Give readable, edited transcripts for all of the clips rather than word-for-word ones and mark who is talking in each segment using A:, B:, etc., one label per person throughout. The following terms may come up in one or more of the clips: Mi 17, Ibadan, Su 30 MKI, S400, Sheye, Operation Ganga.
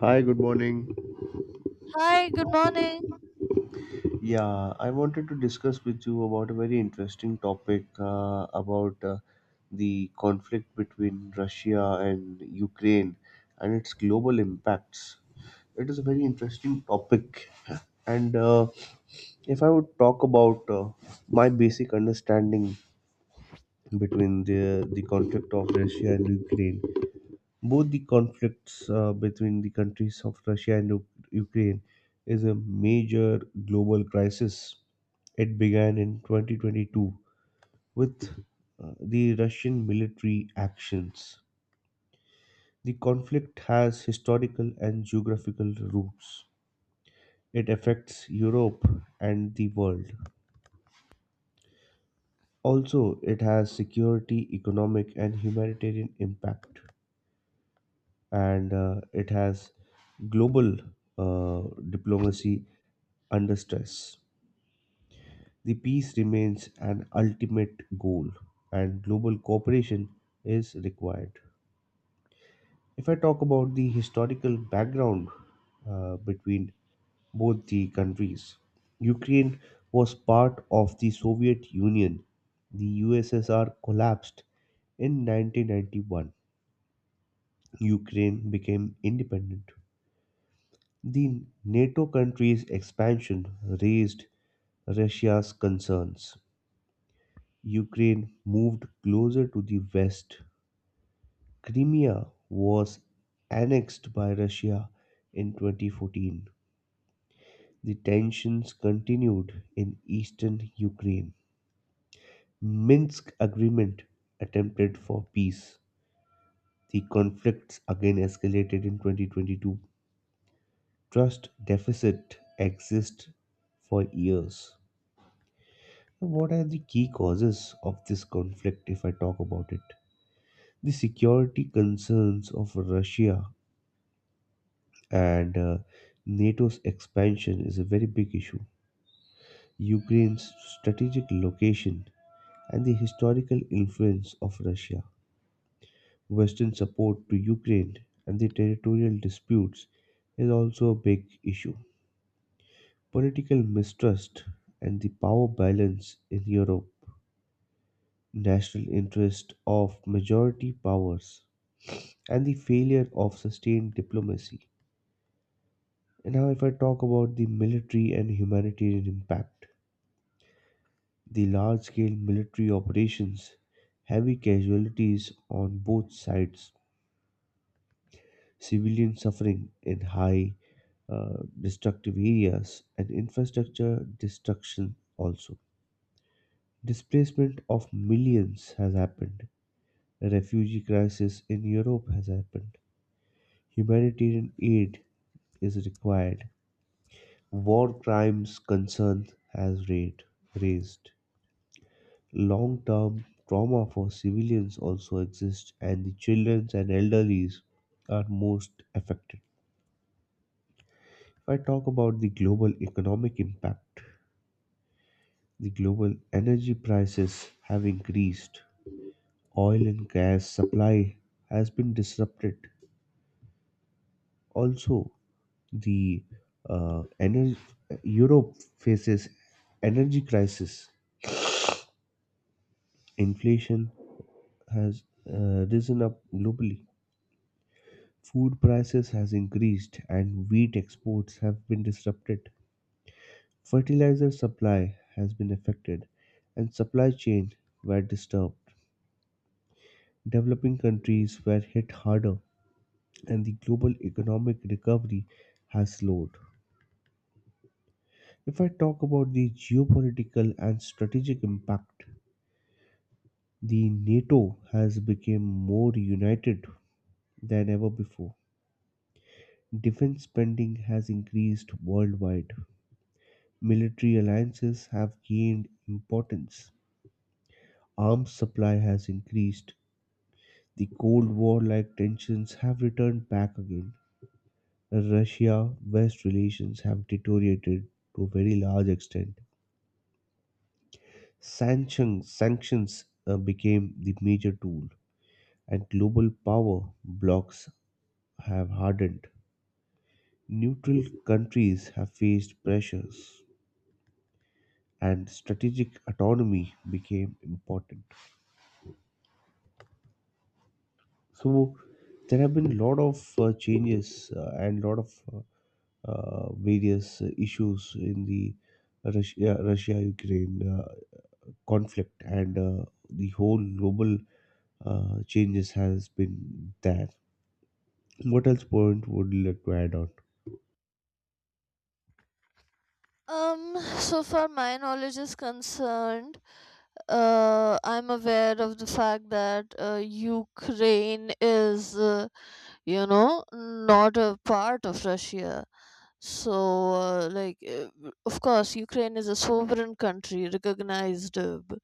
A: Hi, good morning.
B: Hi, good morning.
A: Yeah, I wanted to discuss with you about a very interesting topic about the conflict between Russia and Ukraine and its global impacts. It is a very interesting topic, and if I would talk about my basic understanding between the conflict of Russia and Ukraine, both the conflicts between the countries of Russia and Ukraine is a major global crisis. It began in 2022 with the Russian military actions. The conflict has historical and geographical roots. It affects Europe and the world. Also, it has security, economic, and humanitarian impact, and it has global uh, diplomacy under stress. The peace remains an ultimate goal, and global cooperation is required. If I talk about the historical background between both the countries, Ukraine was part of the Soviet Union. The USSR collapsed in 1991. Ukraine became independent. The NATO countries' expansion raised Russia's concerns. Ukraine moved closer to the west. Crimea was annexed by Russia in 2014. The tensions continued in eastern Ukraine. Minsk agreement attempted for peace. The conflicts again escalated in 2022. Trust deficit exists for years. What are the key causes of this conflict if I talk about it? The security concerns of Russia and NATO's expansion is a very big issue. Ukraine's strategic location and the historical influence of Russia. Western support to Ukraine and the territorial disputes is also a big issue. Political mistrust and the power balance in Europe. National interest of majority powers and the failure of sustained diplomacy. And now, if I talk about the military and humanitarian impact, the large scale military operations, heavy casualties on both sides, civilian suffering in high destructive areas, and infrastructure destruction also. Displacement of millions has happened. A refugee crisis in Europe has happened. Humanitarian aid is required. War crimes concern has raised. Long-term trauma for civilians also exists, and the children and elderly are most affected. If I talk about the global economic impact, the global energy prices have increased. Oil and gas supply has been disrupted. Also, the uh, energy, Europe faces energy crisis, inflation, has risen up globally. Food prices has increased and wheat exports have been disrupted. Fertilizer supply has been affected and supply chain were disturbed. Developing countries were hit harder, and the global economic recovery has slowed. If I talk about the geopolitical and strategic impact, the NATO has become more united than ever before. Defense spending has increased worldwide. Military alliances have gained importance. Arms supply has increased. The Cold War like tensions have returned back again. Russia West relations have deteriorated to a very large extent. Sanctions became the major tool, and global power blocks have hardened. Neutral countries have faced pressures and strategic autonomy became important. So there have been a lot of changes and a lot of various issues in the Russia Ukraine conflict, and the whole global changes has been there. What else point would you like to add on?
B: So far my knowledge is concerned, I'm aware of the fact that Ukraine is, not a part of Russia. So, uh, like, uh, of course, Ukraine is a sovereign country recognized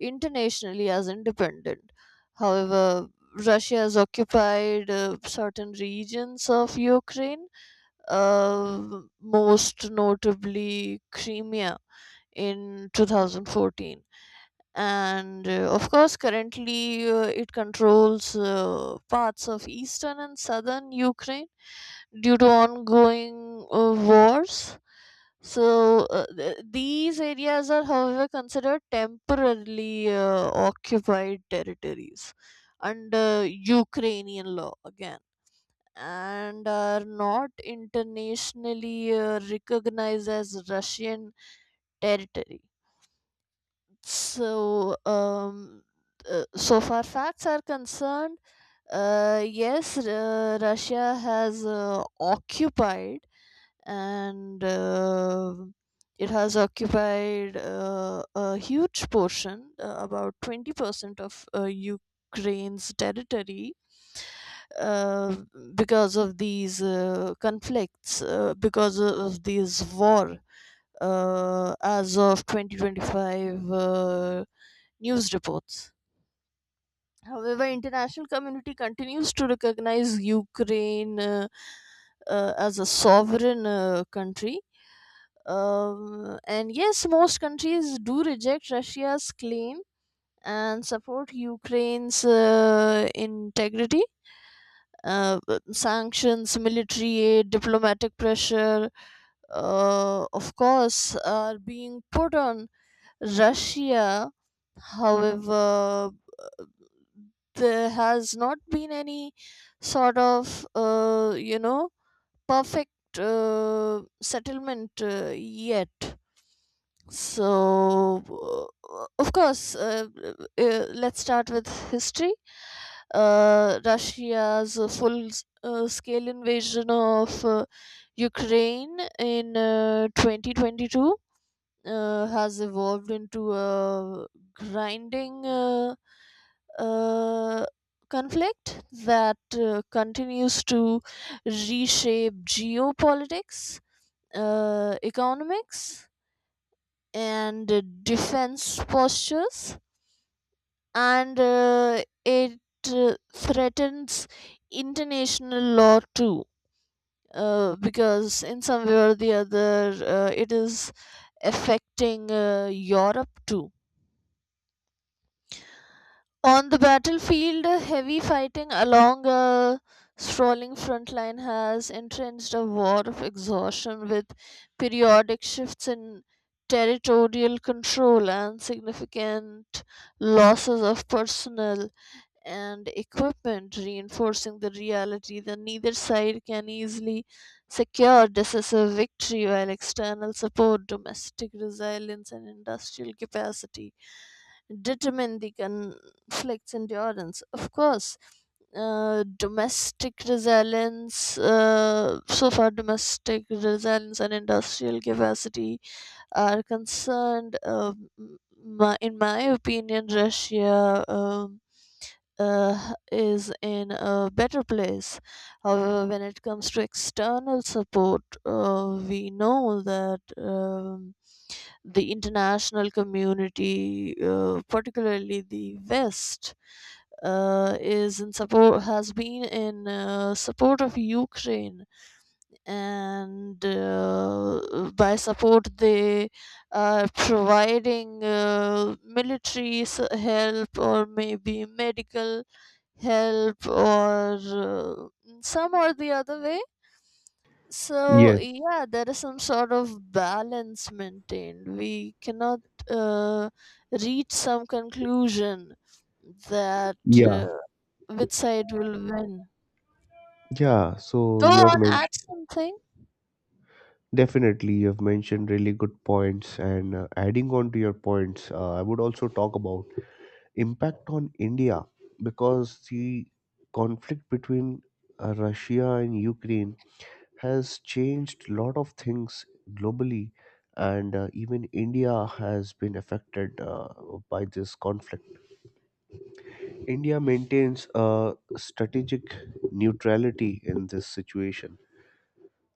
B: internationally as independent. However, Russia has occupied certain regions of Ukraine, most notably Crimea in 2014. And of course, currently it controls parts of eastern and southern Ukraine due to ongoing wars. These areas are, however, considered temporarily occupied territories under Ukrainian law again and are not internationally recognized as Russian territory. So, um, so far facts are concerned, yes, Russia has occupied and it has occupied a huge portion, about 20% of Ukraine's territory uh, because of these conflicts, because of this war, as of 2025 news reports. However, international community continues to recognize Ukraine, as a sovereign country, and yes, most countries do reject Russia's claim and support Ukraine's integrity. But sanctions, military aid, diplomatic pressure, of course, are being put on Russia. However, there has not been any sort of, perfect settlement yet. So, of course, let's start with history. Russia's full scale invasion of Ukraine in 2022 has evolved into a grinding uh, conflict that continues to reshape geopolitics, economics, and defense postures, and it threatens international law too. Because in some way or the other, it is affecting Europe too. On the battlefield, heavy fighting along a sprawling front line has entrenched a war of exhaustion with periodic shifts in territorial control and significant losses of personnel and equipment, reinforcing the reality that neither side can easily secure decisive victory while external support, domestic resilience, and industrial capacity determine the conflict's endurance. Of course, so far, domestic resilience and industrial capacity are concerned. In my opinion, Russia is in a better place. However, when it comes to external support, we know that the international community, particularly the West, is in support has been in support of Ukraine, and by support they are providing military help or maybe medical help or some or the other way. So,
A: Yes.
B: yeah, there is some sort of balance maintained. We cannot uh, reach some conclusion that
A: Yeah.
B: which side will win.
A: Yeah. So
B: Go
A: you have
B: on, add
A: mentioned.
B: something.
A: Definitely, you've mentioned really good points, and adding on to your points, I would also talk about impact on India because the conflict between Russia and Ukraine has changed a lot of things globally, and even India has been affected by this conflict. India maintains a strategic neutrality in this situation.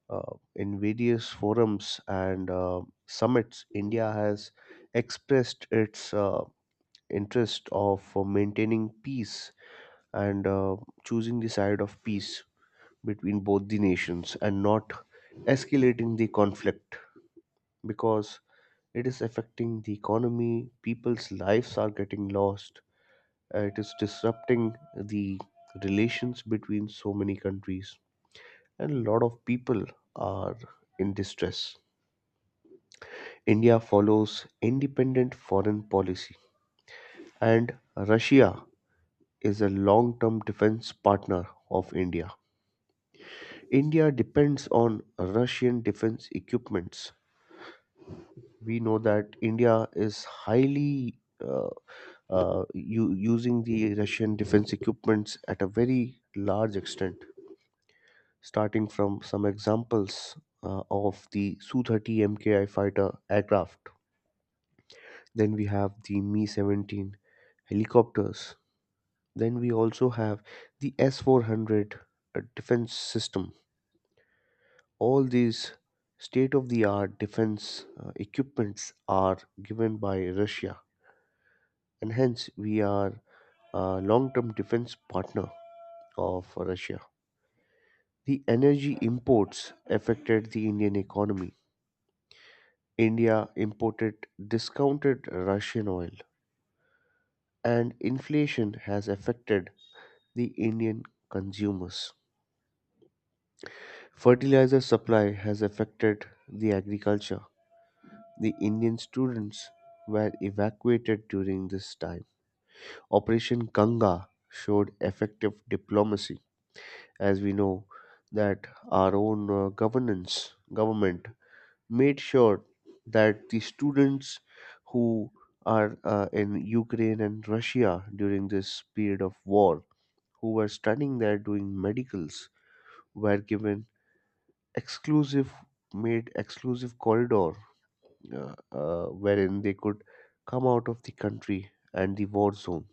A: In various forums and summits, India has expressed its interest of maintaining peace and choosing the side of peace between both the nations and not escalating the conflict, because it is affecting the economy, people's lives are getting lost, it is disrupting the relations between so many countries, and a lot of people are in distress. India follows independent foreign policy, and Russia is a long term defense partner of India. India depends on Russian defense equipments. We know that India is highly using the Russian defense equipments at a very large extent, starting from some examples of the Su 30 MKI fighter aircraft. Then we have the Mi 17 helicopters. Then we also have the S400 defense system. All these state of the art defense equipments are given by Russia, and hence we are a long term defense partner of Russia. The energy imports affected the Indian economy. India imported discounted Russian oil, and inflation has affected the Indian consumers. Fertilizer supply has affected the agriculture. The Indian students were evacuated during this time. Operation Ganga showed effective diplomacy, as we know that our own governance government made sure that the students who are in Ukraine and Russia during this period of war, who were studying there doing medicals, were given exclusive made exclusive corridor wherein they could come out of the country and the war zone.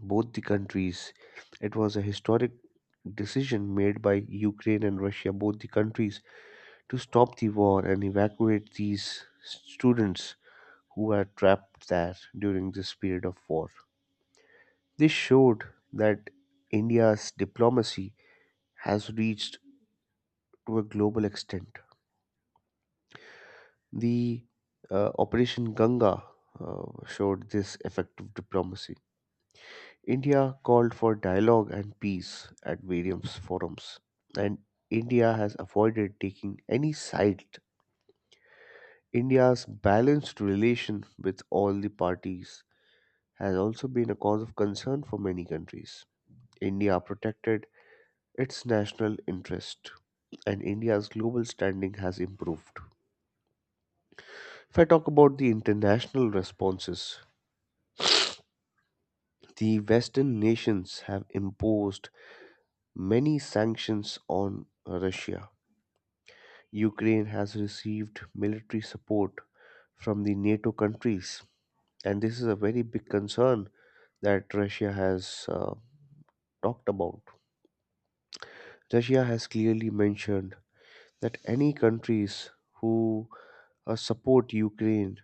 A: Both the countries, it was a historic decision made by Ukraine and Russia, both the countries, to stop the war and evacuate these students who were trapped there during this period of war. This showed that India's diplomacy has reached to a global extent. The Operation Ganga showed this effective diplomacy. India called for dialogue and peace at various forums, and India has avoided taking any side. India's balanced relation with all the parties has also been a cause of concern for many countries. India protected its national interest, and India's global standing has improved. If I talk about the international responses, the Western nations have imposed many sanctions on Russia. Ukraine has received military support from the NATO countries, and this is a very big concern that Russia has talked about. Russia has clearly mentioned that any countries who support Ukraine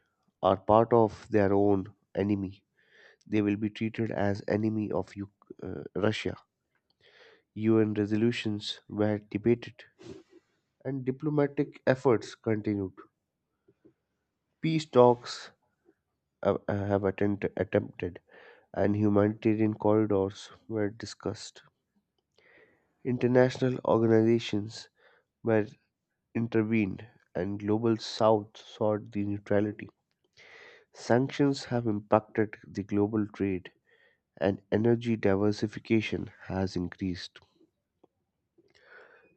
A: are part of their own enemy. They will be treated as enemy of Russia. UN resolutions were debated and diplomatic efforts continued. Peace talks have attempted, and humanitarian corridors were discussed. International organizations were intervened, and Global South sought the neutrality. Sanctions have impacted the global trade, and energy diversification has increased.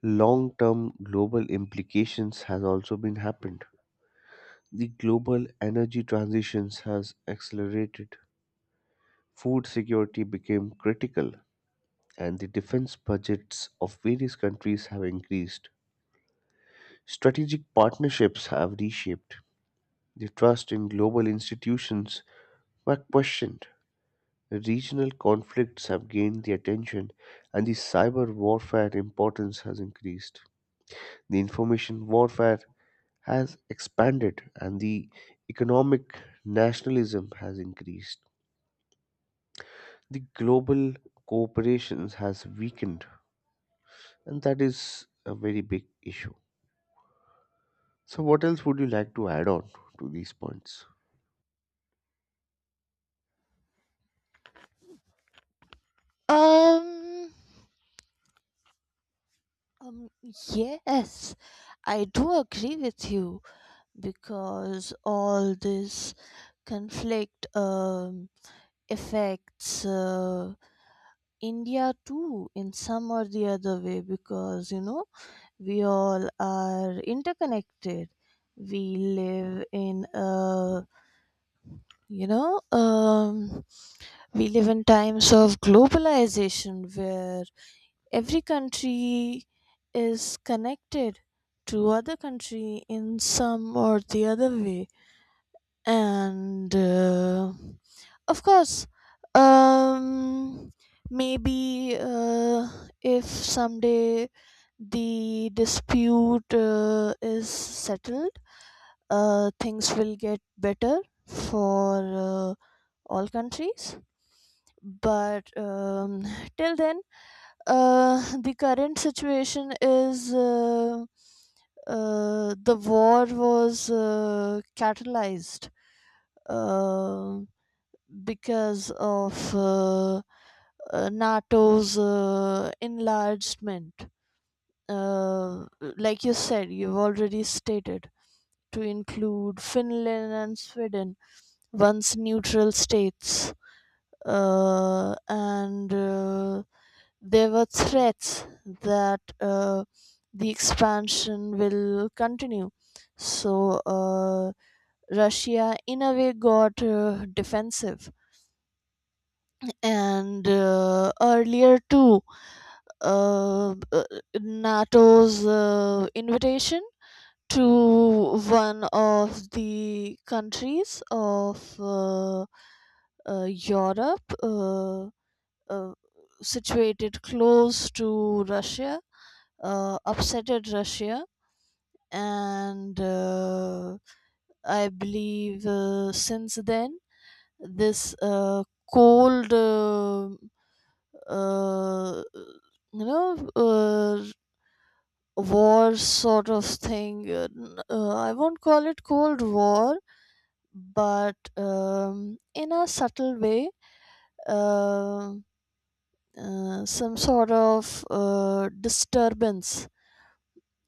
A: Long-term global implications has also been happened. The global energy transitions has accelerated. Food security became critical, and the defense budgets of various countries have increased. Strategic partnerships have reshaped. The trust in global institutions were questioned. Regional conflicts have gained the attention, and the cyber warfare importance has increased. The information warfare has expanded, and the economic nationalism has increased. The global cooperation has weakened, and that is a very big issue. So, what else would you like to add on to these points?
B: Um, um, yes, I do agree with you because all this conflict affects India too in some or the other way, because you know we all are interconnected. We live in a you know um, we live in times of globalization where every country is connected to other country in some or the other way, and of course, um, maybe if someday the dispute is settled, things will get better for uh, all countries. But till then, the current situation is the war was catalyzed Um because of NATO's enlargement. Uh, like you said, you've already stated, to include Finland and Sweden, once neutral states. And There were threats that the expansion will continue. So uh, Russia, in a way, got defensive, and earlier too, uh, uh, NATO's invitation to one of the countries of Europe, uh, situated close to Russia, upsetted Russia, and I believe since then this cold uh, uh, you know, uh, war sort of thing. I won't call it Cold War, but in a subtle way, uh, some sort of disturbance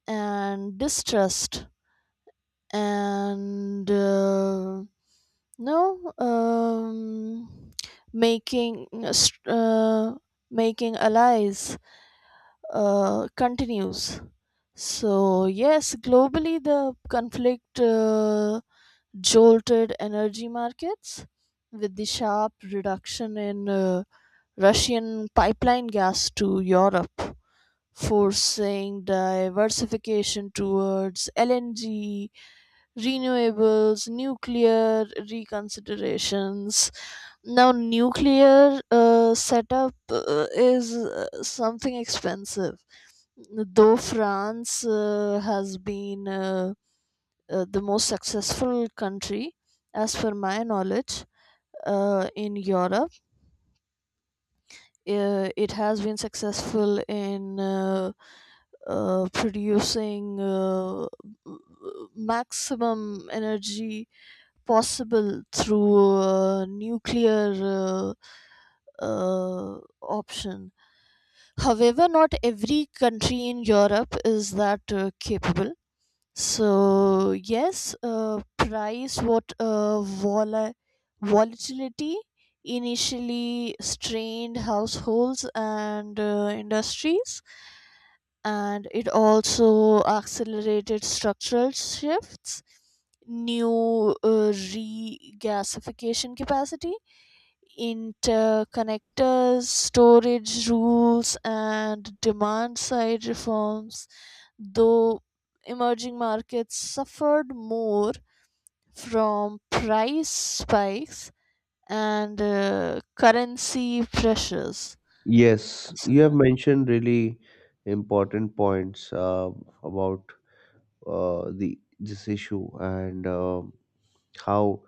B: and distrust and no making str- making allies continues. So, yes, globally, the conflict jolted energy markets with the sharp reduction in Russian pipeline gas to Europe, forcing diversification towards LNG, renewables, nuclear reconsiderations. Now, nuclear setup is something expensive. Though France has been the most successful country, as per my knowledge, in Europe. It has been successful in producing maximum energy possible through nuclear option. However, not every country in Europe is that capable. So yes, volatility initially strained households and industries, and it also accelerated structural shifts, new regasification capacity, interconnectors, storage rules, and demand side reforms, though emerging markets suffered more from price spikes and currency pressures.
A: Yes, you have mentioned really important points about the this issue, and how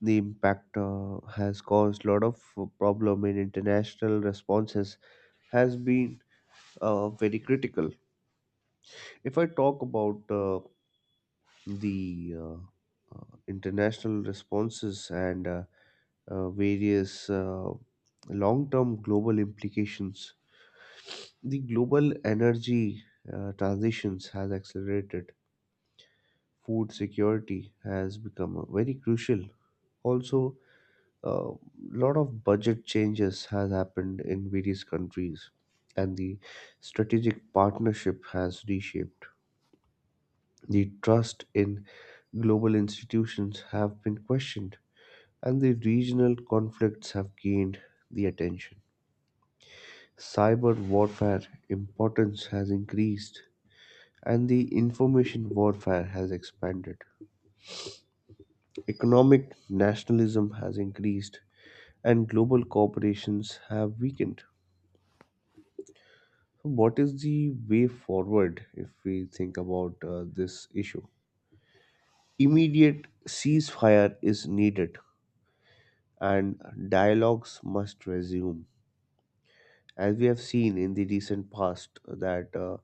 A: the impact has caused a lot of problem in international responses has been very critical. If I talk about the international responses and various long term global implications. The global energy transitions has accelerated. Food security has become very crucial. Also, a lot of budget changes has happened in various countries, and the strategic partnership has reshaped. The trust in global institutions have been questioned, and the regional conflicts have gained the attention. Cyber warfare importance has increased and the information warfare has expanded. Economic nationalism has increased and global corporations have weakened. So what is the way forward if we think about this issue? Immediate ceasefire is needed and dialogues must resume. As we have seen in the recent past, that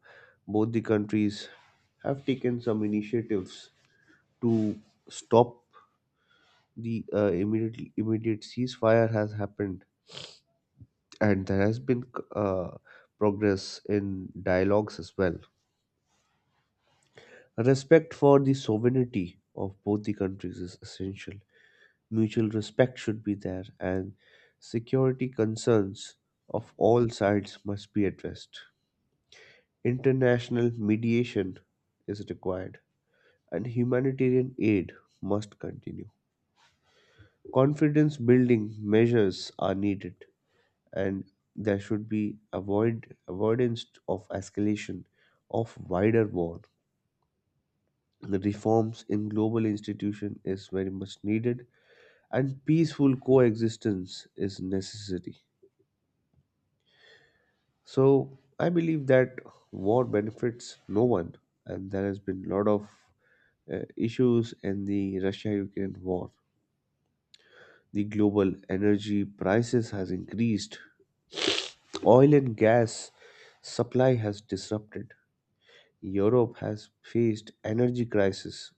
A: both the countries have taken some initiatives to stop the immediate ceasefire has happened, and there has been uh, progress in dialogues as well. Respect for the sovereignty of both the countries is essential. Mutual respect should be there, and security concerns of all sides must be addressed. International mediation is required, and humanitarian aid must continue. Confidence building measures are needed, and there should be avoidance of escalation of wider war. The reforms in global institution is very much needed and peaceful coexistence is necessary. So I believe that war benefits no one, and there has been a lot of issues in the Russia-Ukraine war. The global energy prices has increased. Oil and gas supply has disrupted. Europe has faced energy crisis.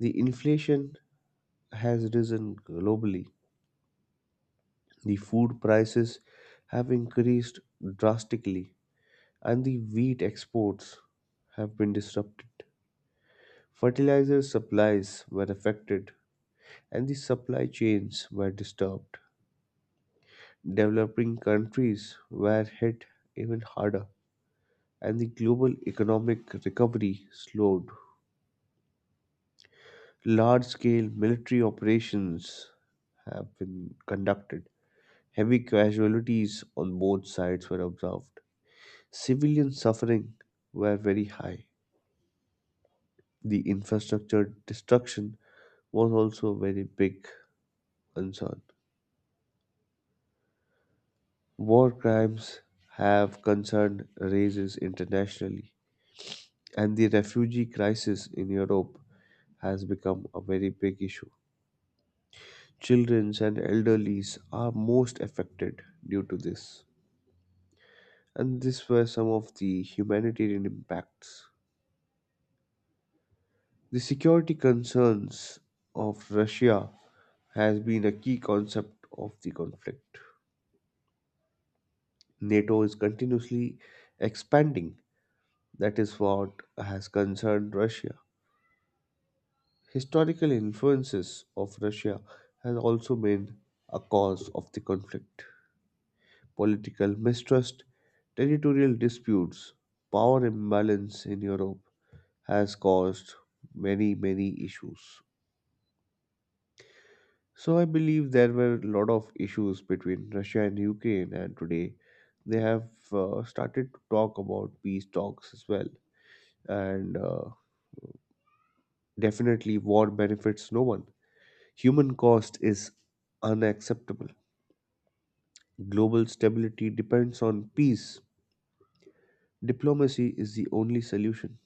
A: The inflation has risen globally. The food prices have increased drastically, and the wheat exports have been disrupted. Fertilizer supplies were affected and the supply chains were disturbed. Developing countries were hit even harder, and the global economic recovery slowed. Large scale military operations have been conducted. Heavy casualties on both sides were observed. Civilian suffering were very high. The infrastructure destruction was also a very big concern. War crimes have concern raises internationally, and the refugee crisis in Europe has become a very big issue. Children and elderlies are most affected due to this, and these were some of the humanitarian impacts. The security concerns of Russia has been a key concept of the conflict. NATO is continuously expanding. That is what has concerned Russia. Historical influences of Russia has also been a cause of the conflict. Political mistrust, territorial disputes, power imbalance in Europe has caused many, many issues. So I believe there were a lot of issues between Russia and Ukraine, and today they have started to talk about peace talks as well. And definitely, war benefits no one. Human cost is unacceptable. Global stability depends on peace. Diplomacy is the only solution.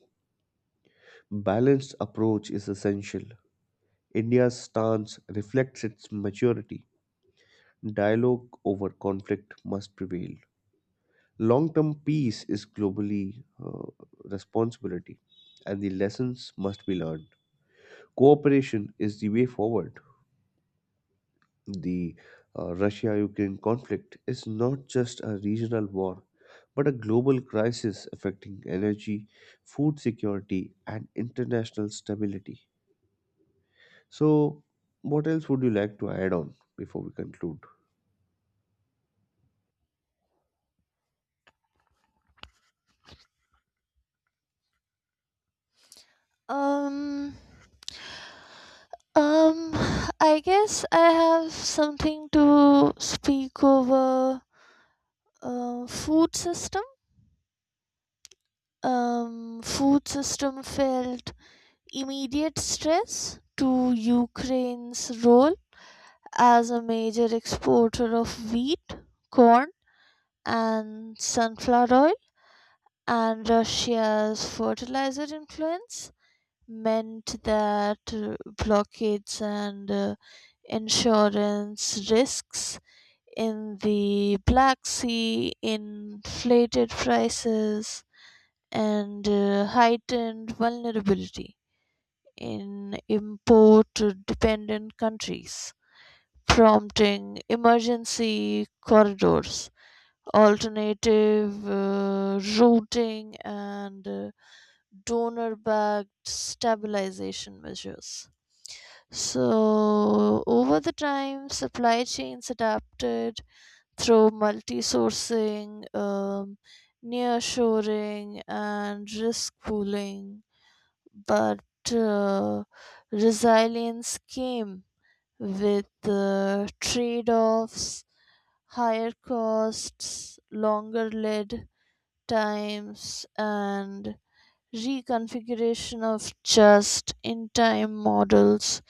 A: Balanced approach is essential. India's stance reflects its maturity. Dialogue over conflict must prevail. Long term peace is globally responsibility, and the lessons must be learned. Cooperation is the way forward. The Russia Ukraine conflict is not just a regional war, but a global crisis affecting energy, food security, and international stability. So, what else would you like to add on before we conclude?
B: Um, um, I guess I have something to speak over food system. Food system felt immediate stress to Ukraine's role as a major exporter of wheat, corn, and sunflower oil, and Russia's fertilizer influence meant that blockades and insurance risks in the Black Sea, inflated prices, and heightened vulnerability in import dependent countries, prompting emergency corridors, alternative routing and donor backed stabilization measures. So, over the time, supply chains adapted through multi sourcing, near and risk pooling, but uh, resilience came with trade offs, higher costs, longer lead times and reconfiguration of just-in-time models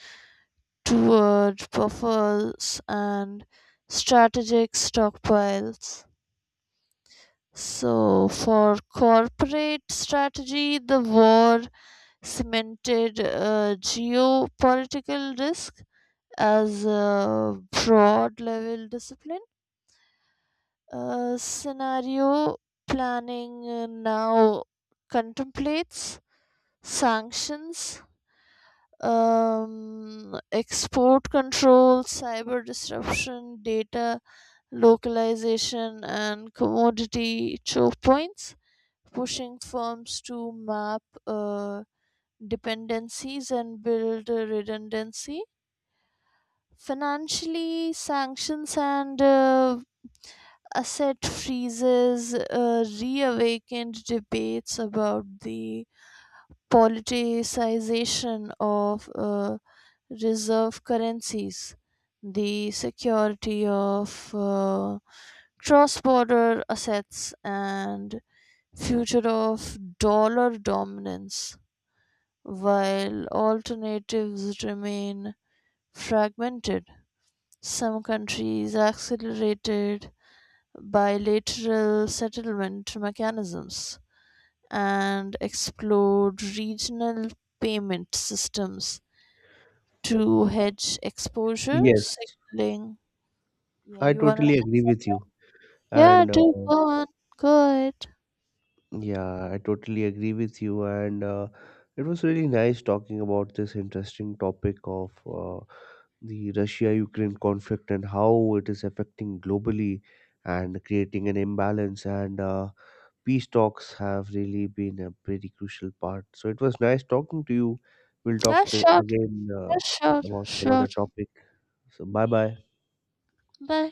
B: toward buffers and strategic stockpiles. So, for corporate strategy, the war cemented a geopolitical risk as a broad level discipline. Scenario planning now contemplates sanctions, export control, cyber disruption, data localization, and commodity choke points, pushing firms to map dependencies and build redundancy. Financially, sanctions and asset freezes reawakened debates about the politicization of reserve currencies, the security of cross border assets, and future of dollar dominance, while alternatives remain fragmented. Some countries accelerated bilateral settlement mechanisms and explored regional payment systems to hedge exposure,
A: Yes,
B: signaling. Yeah,
A: I
B: you wanna.
A: totally agree with you.
B: Yeah,
A: And
B: do go on. Go ahead.
A: yeah, I totally agree with you. And it was really nice talking about this interesting topic of the Russia Ukraine conflict and how it is affecting globally and creating an imbalance. And peace talks have really been a pretty crucial part. So it was nice talking to you. We'll talk
B: Yeah, sure.
A: again
B: Yeah, sure.
A: about some
B: Sure.
A: other topic. So bye bye.
B: Bye.